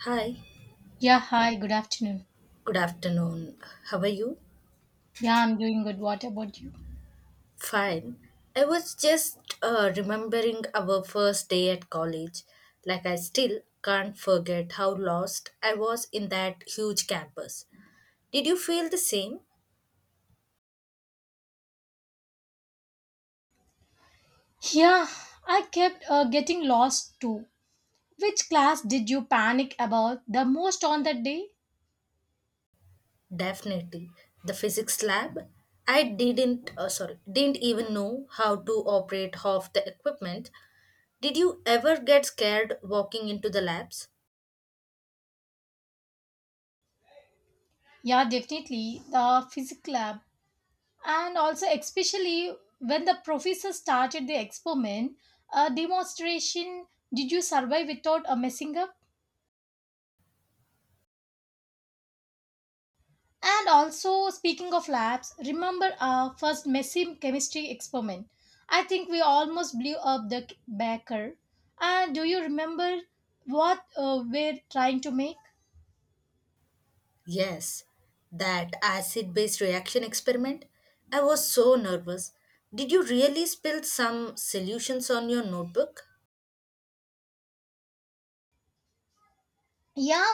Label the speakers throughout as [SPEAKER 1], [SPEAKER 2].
[SPEAKER 1] Hi,
[SPEAKER 2] Yeah, hi, good afternoon.
[SPEAKER 1] good afternoon. How are you?
[SPEAKER 2] Yeah, I'm doing good. What about you?
[SPEAKER 1] Fine. I was just remembering our first day at college. Like, I still can't forget how lost I was in that huge campus. Did you feel the same?
[SPEAKER 2] Yeah, I kept getting lost too. Which class did you panic about the most on that day?
[SPEAKER 1] Definitely. The physics lab? I didn't even know how to operate half the equipment. Did you ever get scared walking into the labs?
[SPEAKER 2] Yeah, definitely the physics lab. And also, especially when the professor started the experiment, a demonstration, did you survive without a messing up? And also, speaking of labs, remember our first messy chemistry experiment? I think we almost blew up the baker. And do you remember what we're trying to make?
[SPEAKER 1] Yes, that acid base reaction experiment. I was so nervous. Did you really spill some solutions on your notebook?
[SPEAKER 2] Yeah,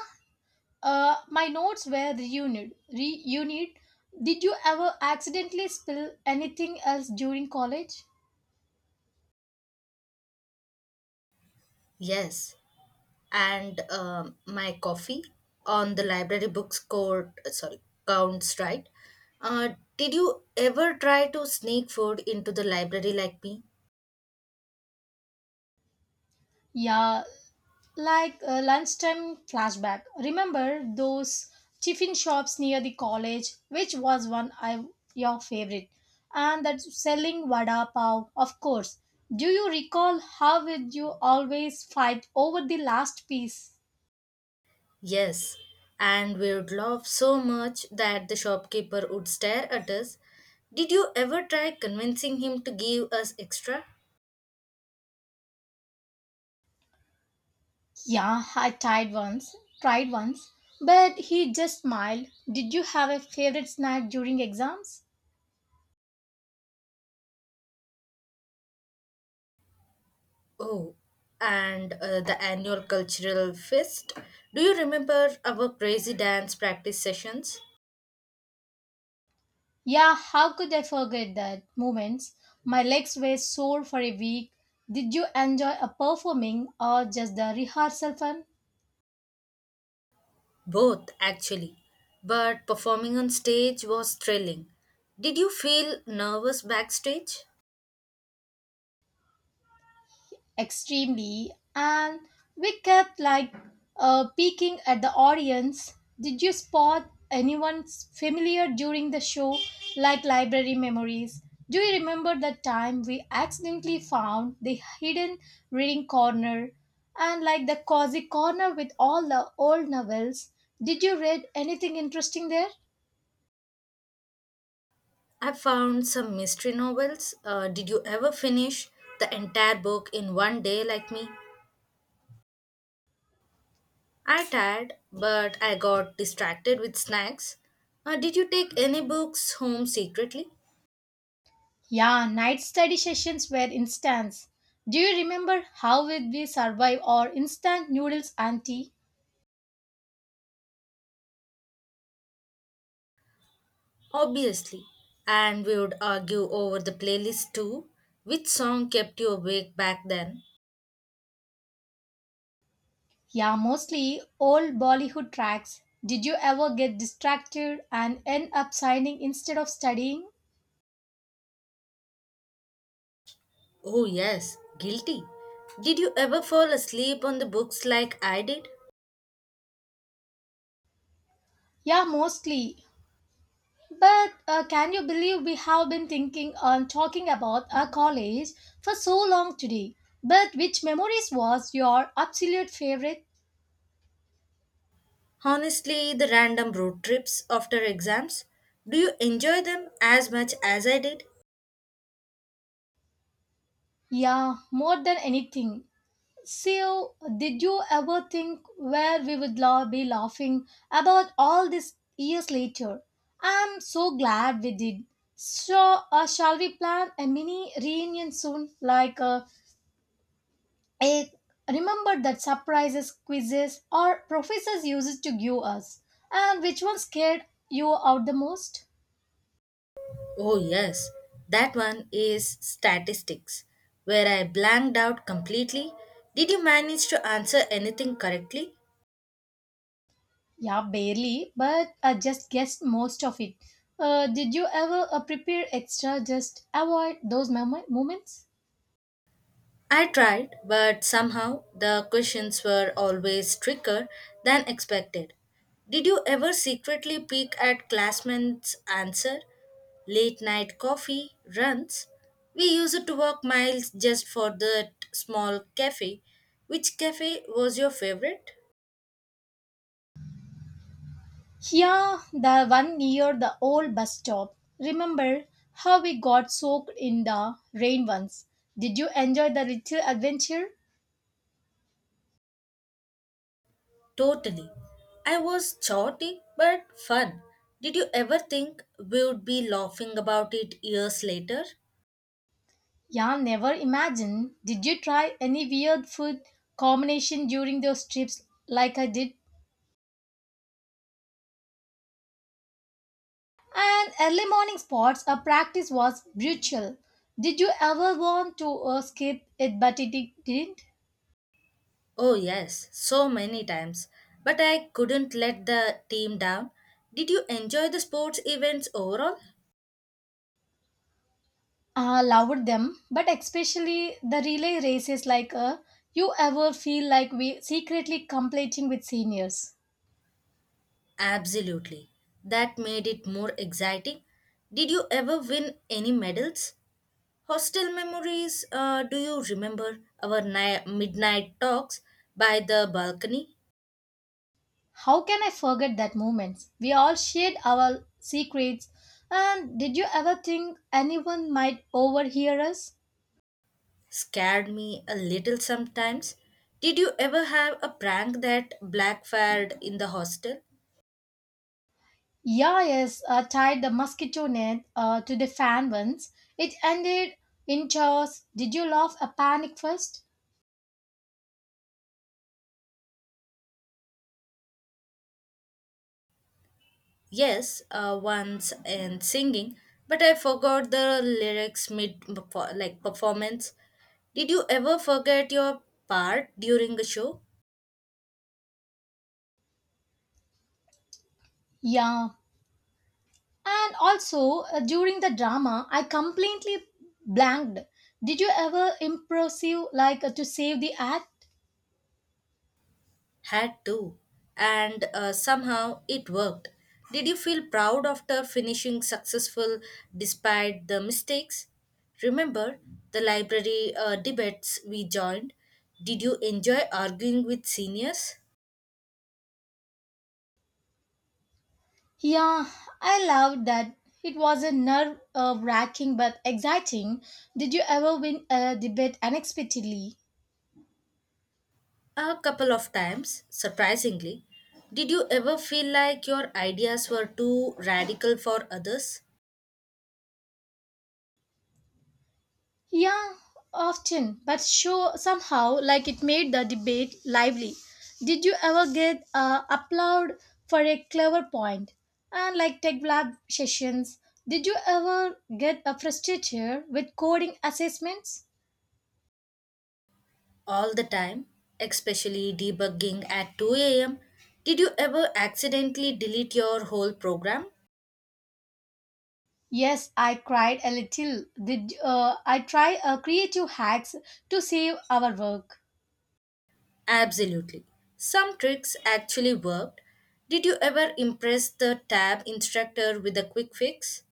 [SPEAKER 2] my notes were reunited. Reunited. Did you ever accidentally spill anything else during college?
[SPEAKER 1] Yes, and my coffee on the library books counts, right? Uh, did you ever try to sneak food into the library like me?
[SPEAKER 2] Yeah, like lunchtime flashback. Remember those tiffin shops near the college, which was one I your favorite, and that selling vada pav, of course. Do you recall how would you always fight over the last piece?
[SPEAKER 1] Yes, and we would laugh so much that the shopkeeper would stare at us. Did you ever try convincing him to give us extra?
[SPEAKER 2] Yeah, I tried once, tried once, but he just smiled. Did you have a favorite snack during exams?
[SPEAKER 1] Oh, and the annual cultural fest. Do you remember our crazy dance practice sessions?
[SPEAKER 2] Yeah, how could I forget that moments? My legs were sore for a week. Did you enjoy a performing or just the rehearsal fun?
[SPEAKER 1] Both, actually. But performing on stage was thrilling. Did you feel nervous backstage?
[SPEAKER 2] Extremely, and we kept like peeking at the audience. Did you spot anyone familiar during the show, like library memories? Do you remember the time we accidentally found the hidden reading corner, and like the cozy corner with all the old novels? Did you read anything interesting there?
[SPEAKER 1] I found some mystery novels. Did you ever finish the entire book in one day like me? I tired, but I got distracted with snacks. Did you take any books home secretly?
[SPEAKER 2] Yeah, night study sessions were instance. Do you remember how would we survive our instant noodles and tea?
[SPEAKER 1] Obviously. And we would argue over the playlist too. Which song kept you awake back then?
[SPEAKER 2] Yeah, mostly old Bollywood tracks. Did you ever get distracted and end up signing instead of studying?
[SPEAKER 1] Oh, yes, guilty. Did you ever fall asleep on the books like I did?
[SPEAKER 2] Yeah, mostly. But can you believe we have been thinking and talking about our college for so long today? But which memories was your absolute favorite?
[SPEAKER 1] Honestly, the random road trips after exams, do you enjoy them as much as I did?
[SPEAKER 2] Yeah, more than anything. So, did you ever think where we would be laughing about all this years later? I'm so glad we did. So, shall we plan a mini reunion soon? Like, a, remember that surprises, quizzes, or professors used to give us? And which one scared you out the most?
[SPEAKER 1] Oh, yes, that one is statistics, where I blanked out completely. Did you manage to answer anything correctly?
[SPEAKER 2] Yeah, barely, but I just guessed most of it. Did you ever prepare extra just avoid those moments?
[SPEAKER 1] I tried, but somehow the questions were always trickier than expected. Did you ever secretly peek at classmates' answer? Late night coffee runs. We used to walk miles just for that small cafe. Which cafe was your favorite?
[SPEAKER 2] Yeah, the one near the old bus stop. Remember how we got soaked in the rain once? Did you enjoy the little adventure?
[SPEAKER 1] Totally. I was chaotic but fun. Did you ever think we would be laughing about it years later?
[SPEAKER 2] Yeah, never imagine. Did you try any weird food combination during those trips like I did? And early morning sports, our practice was brutal. Did you ever want to escape it but it didn't?
[SPEAKER 1] Oh, yes, so many times. But I couldn't let the team down. Did you enjoy the sports events overall?
[SPEAKER 2] Loved them, but especially the relay races like you ever feel like we secretly competing with seniors.
[SPEAKER 1] Absolutely. That made it more exciting. Did you ever win any medals? Hostel memories, do you remember our midnight talks by the balcony?
[SPEAKER 2] How can I forget that moment? We all shared our secrets. And did you ever think anyone might overhear us?
[SPEAKER 1] Scared me a little sometimes. Did you ever have a prank that backfired in the hostel?
[SPEAKER 2] Yeah, yes, tied the mosquito net to the fan once. It ended in chaos. Did you laugh a panic first?
[SPEAKER 1] Yes, once and singing, but I forgot the lyrics mid like performance. Did you ever forget your part during a show?
[SPEAKER 2] Yeah. And also, during the drama, I completely blanked. Did you ever impressive like to save the act?
[SPEAKER 1] Had to, and somehow it worked. Did you feel proud after finishing successful despite the mistakes? Remember the library debates we joined? Did you enjoy arguing with seniors?
[SPEAKER 2] Yeah, I loved that. It was a nerve wracking but exciting. Did you ever win a debate unexpectedly?
[SPEAKER 1] A couple of times, surprisingly. Did you ever feel like your ideas were too radical for others?
[SPEAKER 2] Yeah, often, but show somehow like it made the debate lively. Did you ever get applaud for a clever point? And like tech lab sessions, did you ever get a frustrated with coding assessments?
[SPEAKER 1] All the time, especially debugging at 2 am. Did you ever accidentally delete your whole program?
[SPEAKER 2] Yes, I cried a little. Did I try creative hacks to save our work?
[SPEAKER 1] Absolutely. Some tricks actually worked. Did you ever impress the tab instructor with a quick fix?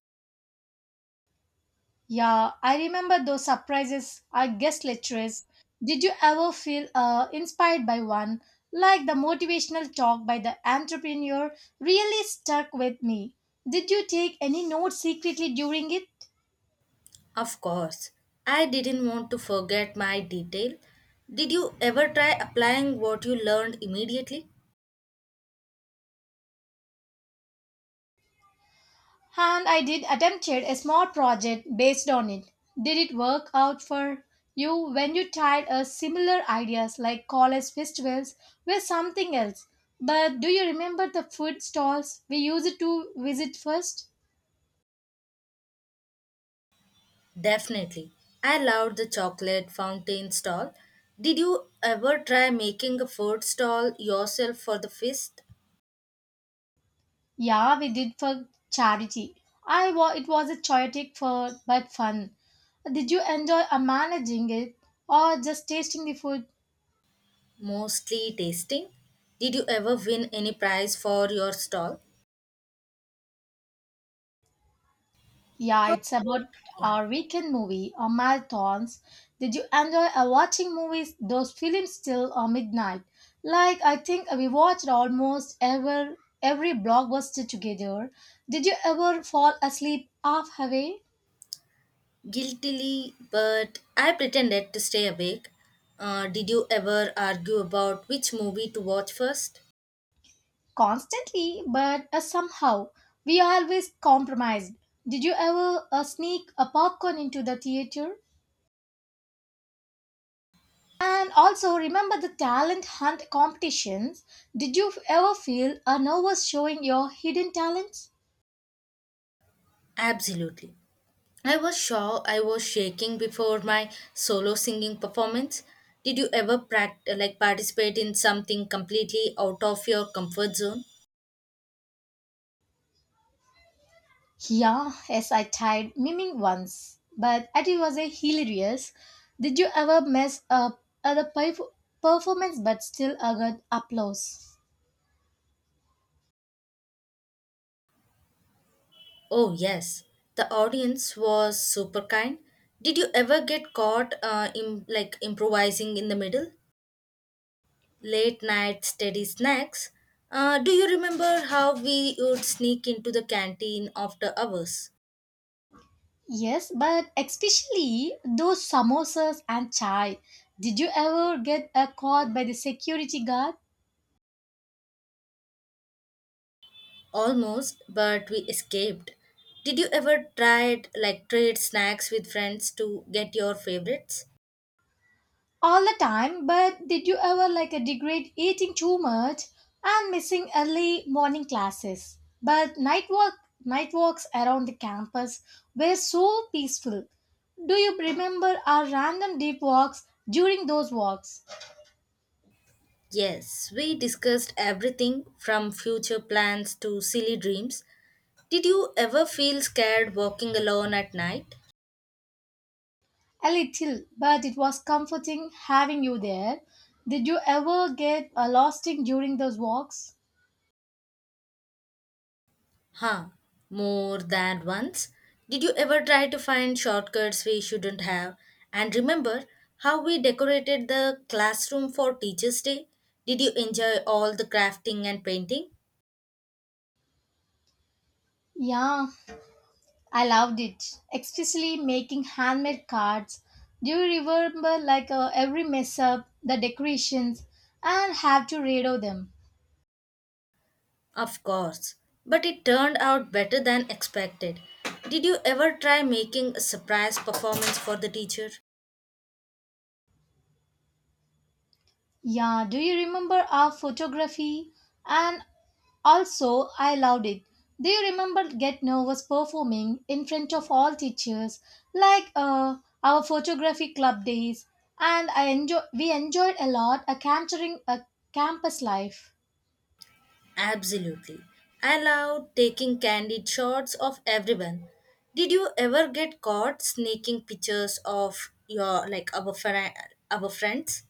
[SPEAKER 2] Yeah, I remember those surprises our guest lecturers. Did you ever feel inspired by one? Like the motivational talk by the entrepreneur really stuck with me. Did you take any notes secretly during it?
[SPEAKER 1] Of course. I didn't want to forget my detail. Did you ever try applying what you learned immediately?
[SPEAKER 2] And I did attempted a small project based on it. Did it work out for you when you tried a similar ideas like college festivals were something else? But do you remember the food stalls we used to visit first?
[SPEAKER 1] Definitely. I loved the chocolate fountain stall. Did you ever try making a food stall yourself for the feast?
[SPEAKER 2] Yeah, we did for charity. It was a chaotic for but fun. Did you enjoy managing it or just tasting the food?
[SPEAKER 1] Mostly tasting. Did you ever win any prize for your stall?
[SPEAKER 2] Yeah,
[SPEAKER 1] How
[SPEAKER 2] it's about
[SPEAKER 1] yeah,
[SPEAKER 2] our weekend movie or marathons. Did you enjoy watching movies? Those films till midnight. Like I think we watched almost every blockbuster together. Did you ever fall asleep halfway?
[SPEAKER 1] guiltily, but I pretended to stay awake. Did you ever argue about which movie to watch first?
[SPEAKER 2] Constantly, but somehow we always compromised. Did you ever sneak a popcorn into the theater? And also remember the talent hunt competitions. Did you ever feel a nervous showing your hidden talents?
[SPEAKER 1] Absolutely. I was sure I was shaking before my solo singing performance. Did you ever like participate in something completely out of your comfort zone?
[SPEAKER 2] Yeah, yes, I tried miming once, but it was a hilarious. Did you ever mess up the performance but still got applause?
[SPEAKER 1] Oh yes, the audience was super kind. Did you ever get caught in like improvising in the middle? Late night steady snacks. Do you remember how we would sneak into the canteen after hours?
[SPEAKER 2] Yes, but especially those samosas and chai. Did you ever get caught by the security guard?
[SPEAKER 1] Almost, but we escaped. Did you ever try it like trade snacks with friends to get your favorites?
[SPEAKER 2] All the time, but did you ever like a degrade eating too much and missing early morning classes? But night walks around the campus were so peaceful. Do you remember our random deep walks during those walks?
[SPEAKER 1] Yes, we discussed everything from future plans to silly dreams. Did you ever feel scared walking alone at night?
[SPEAKER 2] A little, but it was comforting having you there. Did you ever get lost in during those walks?
[SPEAKER 1] Huh, More than once. Did you ever try to find shortcuts we shouldn't have? And remember how we decorated the classroom for Teacher's Day? Did you enjoy all the crafting and painting?
[SPEAKER 2] Yeah, I loved it, especially making handmade cards. Do you remember like every mess up, the decorations, and have to redo them?
[SPEAKER 1] Of course, but it turned out better than expected. Did you ever try making a surprise performance for the teacher?
[SPEAKER 2] Yeah, do you remember our photography? And also, I loved it. Do you remember Get Nervous performing in front of all teachers, like our photography club days? And I enjoy we enjoyed a lot a capturing a campus life.
[SPEAKER 1] Absolutely. I loved taking candid shots of everyone. Did you ever get caught sneaking pictures of your like our fri- our friends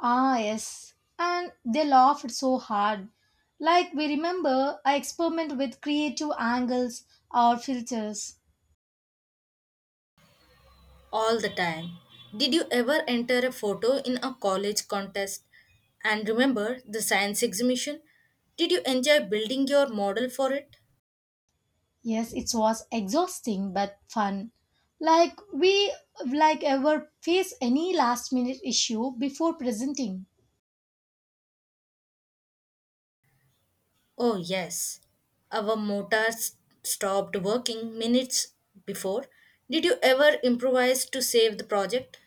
[SPEAKER 2] Ah, yes. And they laughed so hard. Like we remember, I experiment with creative angles or filters.
[SPEAKER 1] all the time? Did you ever enter a photo in a college contest? And remember the science exhibition? Did you enjoy building your model for it?
[SPEAKER 2] Yes, it was exhausting but fun. Like we like ever face any last minute issue before presenting.
[SPEAKER 1] Oh, yes. Our motors stopped working minutes before. Did you ever improvise to save the project?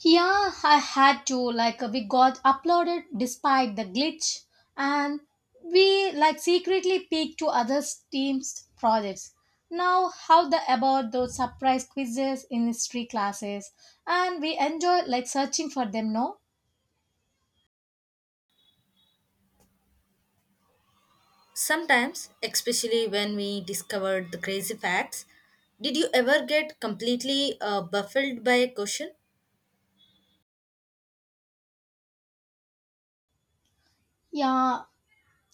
[SPEAKER 2] Yeah, I had to like we got uploaded despite the glitch, and we like secretly peeked to other teams projects. Now how the about those surprise quizzes in history classes, and we enjoy like searching for them no?
[SPEAKER 1] Sometimes, especially when we discovered the crazy facts, did you ever get completely baffled by a question?
[SPEAKER 2] Yeah,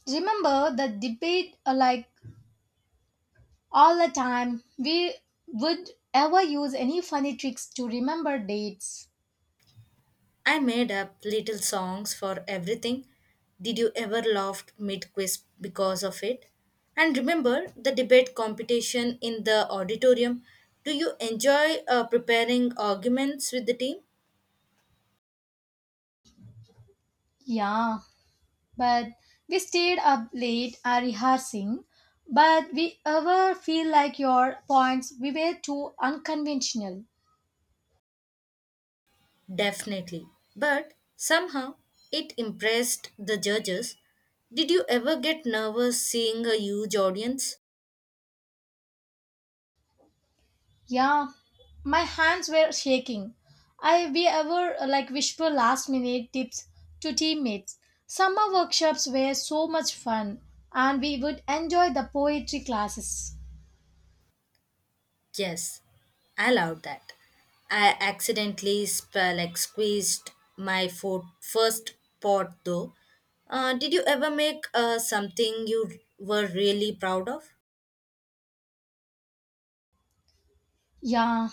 [SPEAKER 2] remember the debate like all the time. We would ever use any funny tricks to remember dates.
[SPEAKER 1] I made up little songs for everything. Did you ever laugh mid quiz because of it? And remember the debate competition in the auditorium. Do you enjoy preparing arguments with the team?
[SPEAKER 2] Yeah, but we stayed up late rehearsing. But we ever feel like your points we were too unconventional.
[SPEAKER 1] Definitely. But somehow it impressed the judges. Did you ever get nervous seeing a huge audience?
[SPEAKER 2] Yeah, my hands were shaking. I we ever like whisper last minute tips to teammates. Summer workshops were so much fun, and we would enjoy the poetry classes.
[SPEAKER 1] Yes, I allowed that. I accidentally like squeezed my foot first pot though. Did you ever make something you were really proud of?
[SPEAKER 2] Yeah,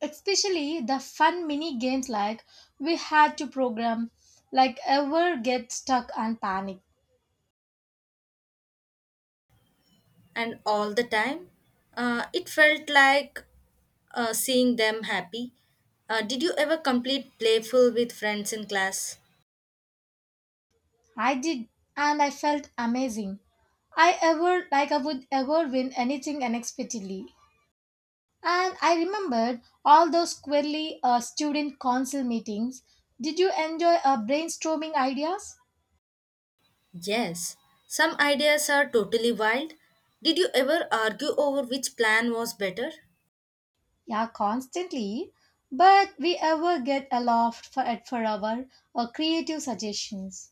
[SPEAKER 2] especially the fun mini games like we had to program like ever get stuck and panic.
[SPEAKER 1] And all the time, it felt like seeing them happy. Did you ever complete playful with friends in class?
[SPEAKER 2] I did, and I felt amazing. I ever like I would ever win anything unexpectedly, and I remembered all those squarely student council meetings. Did you enjoy brainstorming ideas?
[SPEAKER 1] Yes, some ideas are totally wild. Did you ever argue over which plan was better?
[SPEAKER 2] Yeah, constantly, but we ever get a laugh for our creative suggestions.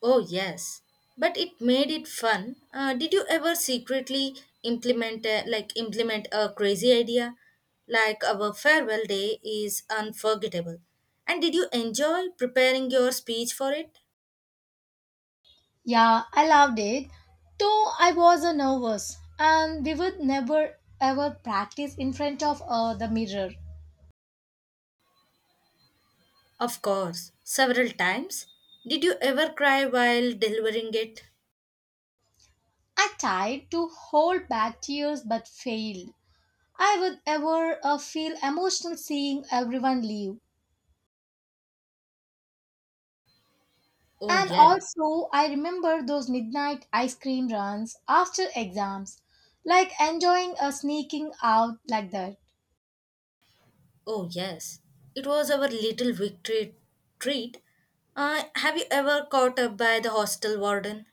[SPEAKER 1] Oh, yes, but it made it fun. Did you ever secretly implement a crazy idea? Like our farewell day is unforgettable. And did you enjoy preparing your speech for it?
[SPEAKER 2] Yeah, I loved it. Though I was a nervous, and we would never ever practice in front of the mirror.
[SPEAKER 1] Of course, several times. Did you ever cry while delivering it?
[SPEAKER 2] I tried to hold back tears but failed. I would ever feel emotional seeing everyone leave.
[SPEAKER 1] Oh,
[SPEAKER 2] And
[SPEAKER 1] yeah.
[SPEAKER 2] also, I remember those midnight ice cream runs after exams, like enjoying a sneaking out like that.
[SPEAKER 1] Oh, yes. It was our little victory treat. Have you ever caught up by the hostel warden?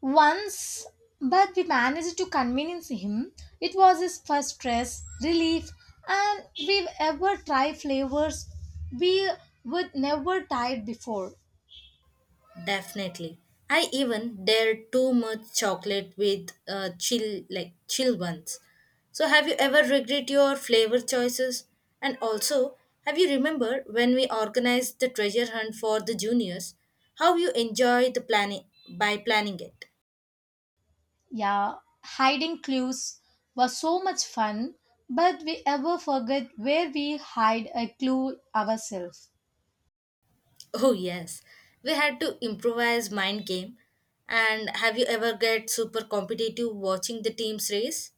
[SPEAKER 2] Once, but we managed to convince him it was his first stress relief, and we ever try flavors we would never tried before.
[SPEAKER 1] Definitely. I even dared too much chocolate with chill ones. So have you ever regret your flavor choices? And also, have you remember when we organized the treasure hunt for the juniors? How you enjoy the planning by planning it?
[SPEAKER 2] Yeah, hiding clues was so much fun, but we ever forget where we hide a clue ourselves.
[SPEAKER 1] Oh yes, we had to improvise mind game. And have you ever get super competitive watching the teams race?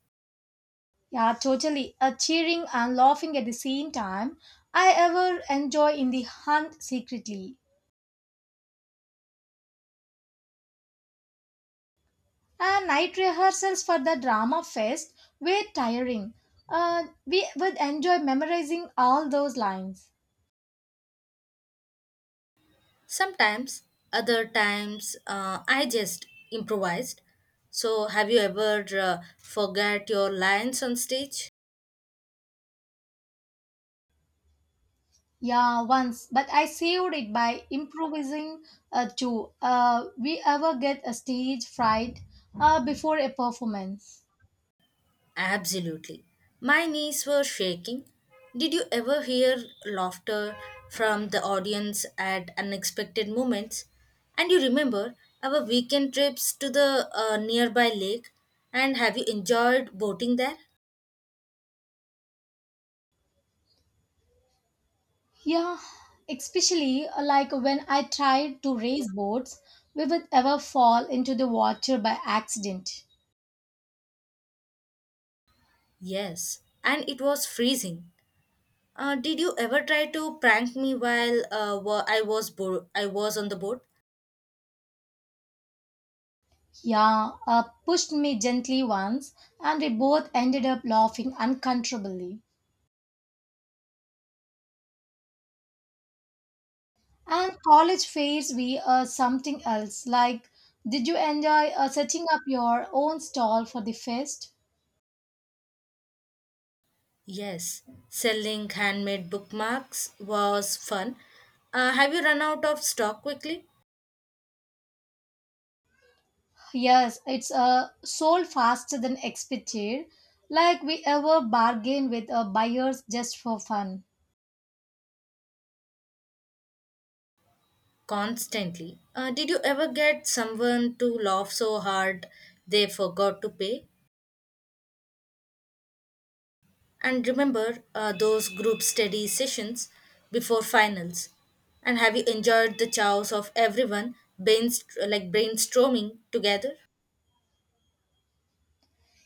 [SPEAKER 2] Yeah, totally. A cheering and laughing at the same time. I ever enjoy in the hunt secretly. Night rehearsals for the drama fest were tiring. We would enjoy memorizing all those lines.
[SPEAKER 1] Sometimes, other times I just improvised. So have you ever forgot your lines on stage?
[SPEAKER 2] Yeah, once, but I saved it by improvising too. We ever get a stage fright before a performance?
[SPEAKER 1] Absolutely. My knees were shaking. Did you ever hear laughter from the audience at unexpected moments? And you remember our weekend trips to the nearby lake? And have you enjoyed boating there?
[SPEAKER 2] Yeah, especially like when I tried to race boats, we would ever fall into the water by accident.
[SPEAKER 1] Yes, and it was freezing. Did you ever try to prank me while I was on the boat?
[SPEAKER 2] Yeah, pushed me gently once, and we both ended up laughing uncontrollably. And college fairs we are something else. Like, did you enjoy setting up your own stall for the fest?
[SPEAKER 1] Yes, selling handmade bookmarks was fun. Have you run out of stock quickly?
[SPEAKER 2] Yes, it's sold faster than expected. Like we ever bargain with buyers just for fun.
[SPEAKER 1] Constantly. Did you ever get someone to laugh so hard they forgot to pay? And remember those group study sessions before finals? And have you enjoyed the chows of everyone like brainstorming together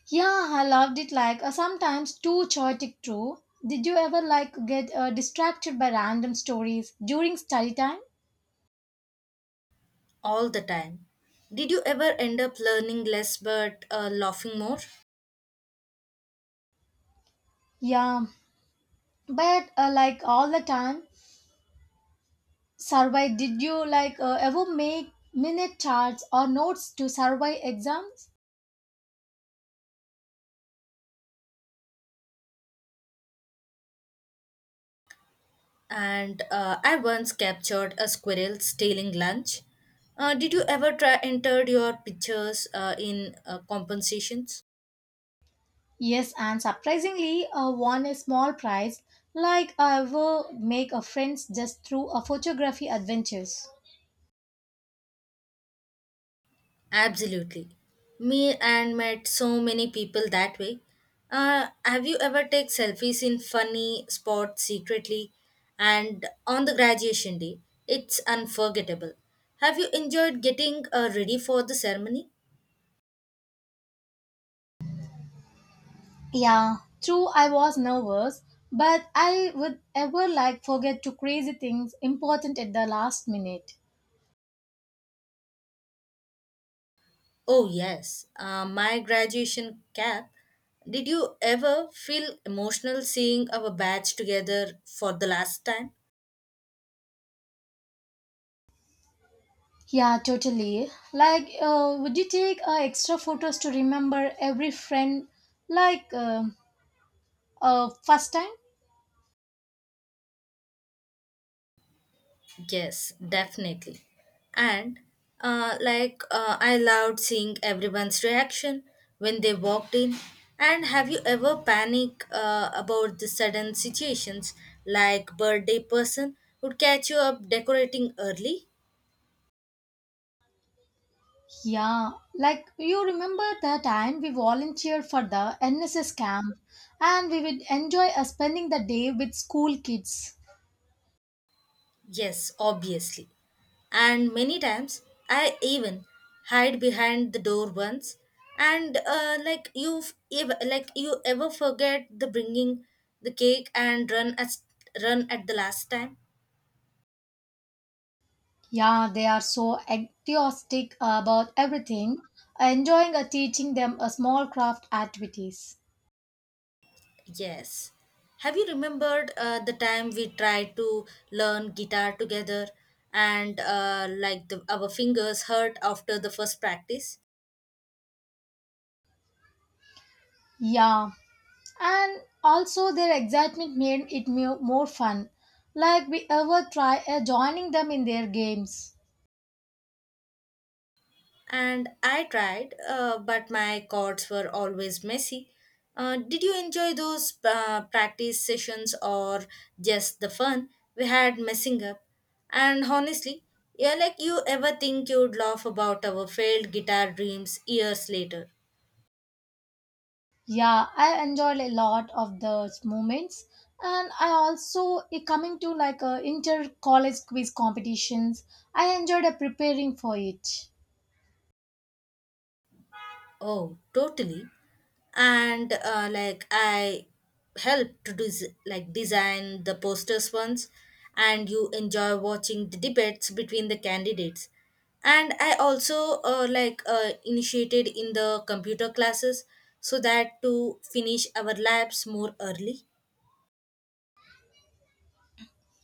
[SPEAKER 2] Yeah, I loved it. Like sometimes too chaotic too. Did you ever like get distracted by random stories during study time?
[SPEAKER 1] all the time? Did you ever end up learning less but laughing more?
[SPEAKER 2] Yeah, but like all the time survey did you like ever make minute charts or notes to survey exams.
[SPEAKER 1] And I once captured a squirrel stealing lunch. Did you ever try entered your pictures in compensations?
[SPEAKER 2] Yes, and surprisingly won a small prize like I ever make a friends just through a photography adventures.
[SPEAKER 1] Absolutely. Me and met so many people that way. Have you ever take selfies in funny spots secretly? And on the graduation day, it's unforgettable. Have you enjoyed getting ready for the ceremony?
[SPEAKER 2] Yeah, true, I was nervous, but I would ever like forget to crazy things important at the last minute.
[SPEAKER 1] Oh, yes. My graduation cap. Did you ever feel emotional seeing our batch together for the last time?
[SPEAKER 2] Yeah, totally. Like, would you take extra photos to remember every friend, like first time?
[SPEAKER 1] Yes, definitely. And like I loved seeing everyone's reaction when they walked in. And have you ever panic about the sudden situations like birthday person would catch you up decorating early?
[SPEAKER 2] Yeah, like you remember the time we volunteered for the NSS camp, and we would enjoy spending the day with school kids.
[SPEAKER 1] Yes, obviously. And many times I even hide behind the door once. And like you ever forget the bringing the cake and run at the last time?
[SPEAKER 2] Yeah, they are so enthusiastic about everything, enjoying teaching them small craft activities.
[SPEAKER 1] Yes. Have you remembered the time we tried to learn guitar together, and like our fingers hurt after the first practice?
[SPEAKER 2] Yeah, and also their excitement made it more fun like we ever try joining them in their games.
[SPEAKER 1] And I tried, but my chords were always messy. Did you enjoy those practice sessions or just the fun we had messing up? And honestly, yeah, like you ever think you'd laugh about our failed guitar dreams years later?
[SPEAKER 2] Yeah, I enjoyed a lot of those moments, and I also coming to like inter college quiz competitions. I enjoyed preparing for it.
[SPEAKER 1] Oh, totally. And like I helped to like design the posters once and you enjoy watching the debates between the candidates and I also like initiated in the computer classes so that to finish our labs more early.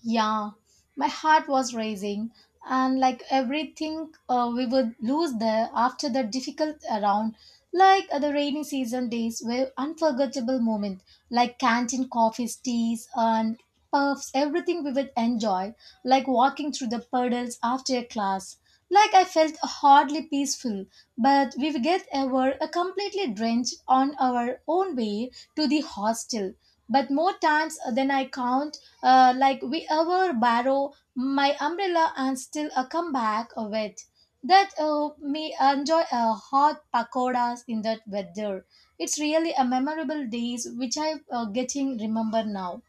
[SPEAKER 2] Yeah, my heart was racing, and like everything, we would lose there after the difficult round. Like the rainy season days were unforgettable moment, like canteen coffees, teas, and puffs, everything we would enjoy, like walking through the puddles after a class. Like I felt hardly peaceful, but we get ever a completely drenched on our own way to the hostel. But more times than I count, like we ever borrow my umbrella and still come back wet. That me enjoy hot pakoras in that weather. It's really a memorable days which I getting remember now.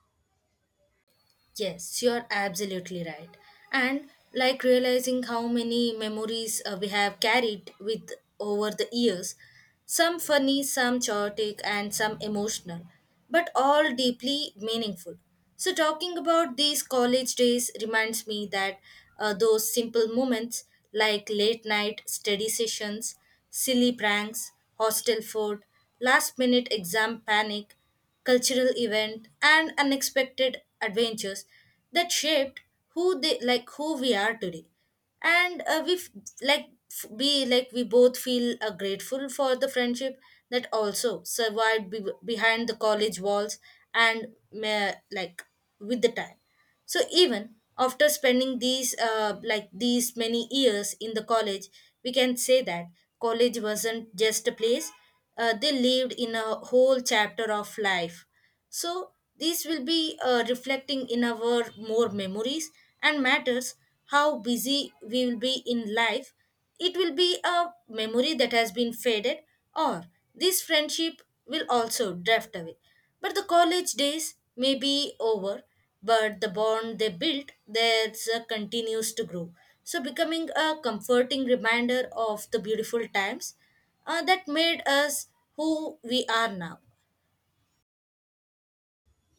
[SPEAKER 1] Yes, you're absolutely right. And like realizing how many memories we have carried with over the years, some funny, some chaotic, and some emotional, but all deeply meaningful. So, talking about these college days reminds me that those simple moments like late night study sessions, silly pranks, hostel food, last minute exam panic, cultural event and unexpected adventures that shaped who they like who we are today, and we f- like f- we like we both feel grateful for the friendship that also survived behind the college walls and like with the time. So even after spending these like these many years in the college, we can say that college wasn't just a place, they lived in a whole chapter of life. So these will be reflecting in our more memories, and matters how busy we will be in life, it will be a memory that has been faded, or this friendship will also drift away. But the college days may be over, but the bond they built there's continues to grow. So becoming a comforting reminder of the beautiful times that made us who we are now.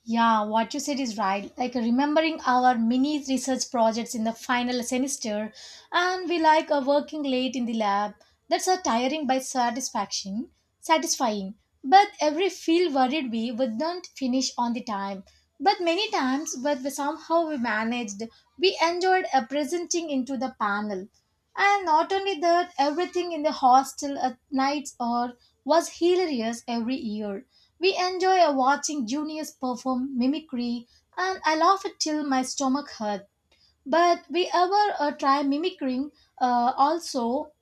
[SPEAKER 2] Yeah, what you said is right. Like remembering our mini research projects in the final semester, and we like are working late in the lab. That's a tiring by satisfying. But every feel worried we wouldn't finish on the time. But we somehow we managed. We enjoyed presenting into the panel, and not only that, everything in the hostel at nights or was hilarious every year. We enjoy watching juniors perform mimicry, and I laugh it till my stomach hurts. But we ever try mimicking also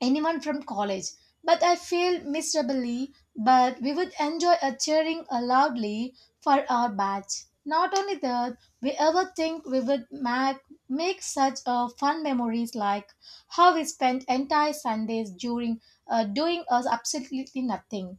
[SPEAKER 2] anyone from college, but I failed miserably. But we would enjoy a cheering loudly for our batch. Not only that, we ever think we would make such fun memories like how we spent entire Sundays during doing us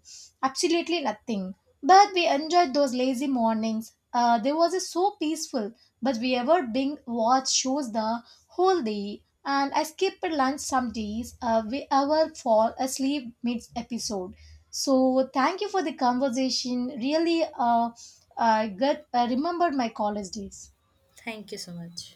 [SPEAKER 2] absolutely nothing. But we enjoyed those lazy mornings. They was so peaceful. But we ever being watch shows the whole day, and I skip a lunch some days. We ever fall asleep mid episode. So thank you for the conversation. Really, I remembered my college days.
[SPEAKER 1] Thank you so much.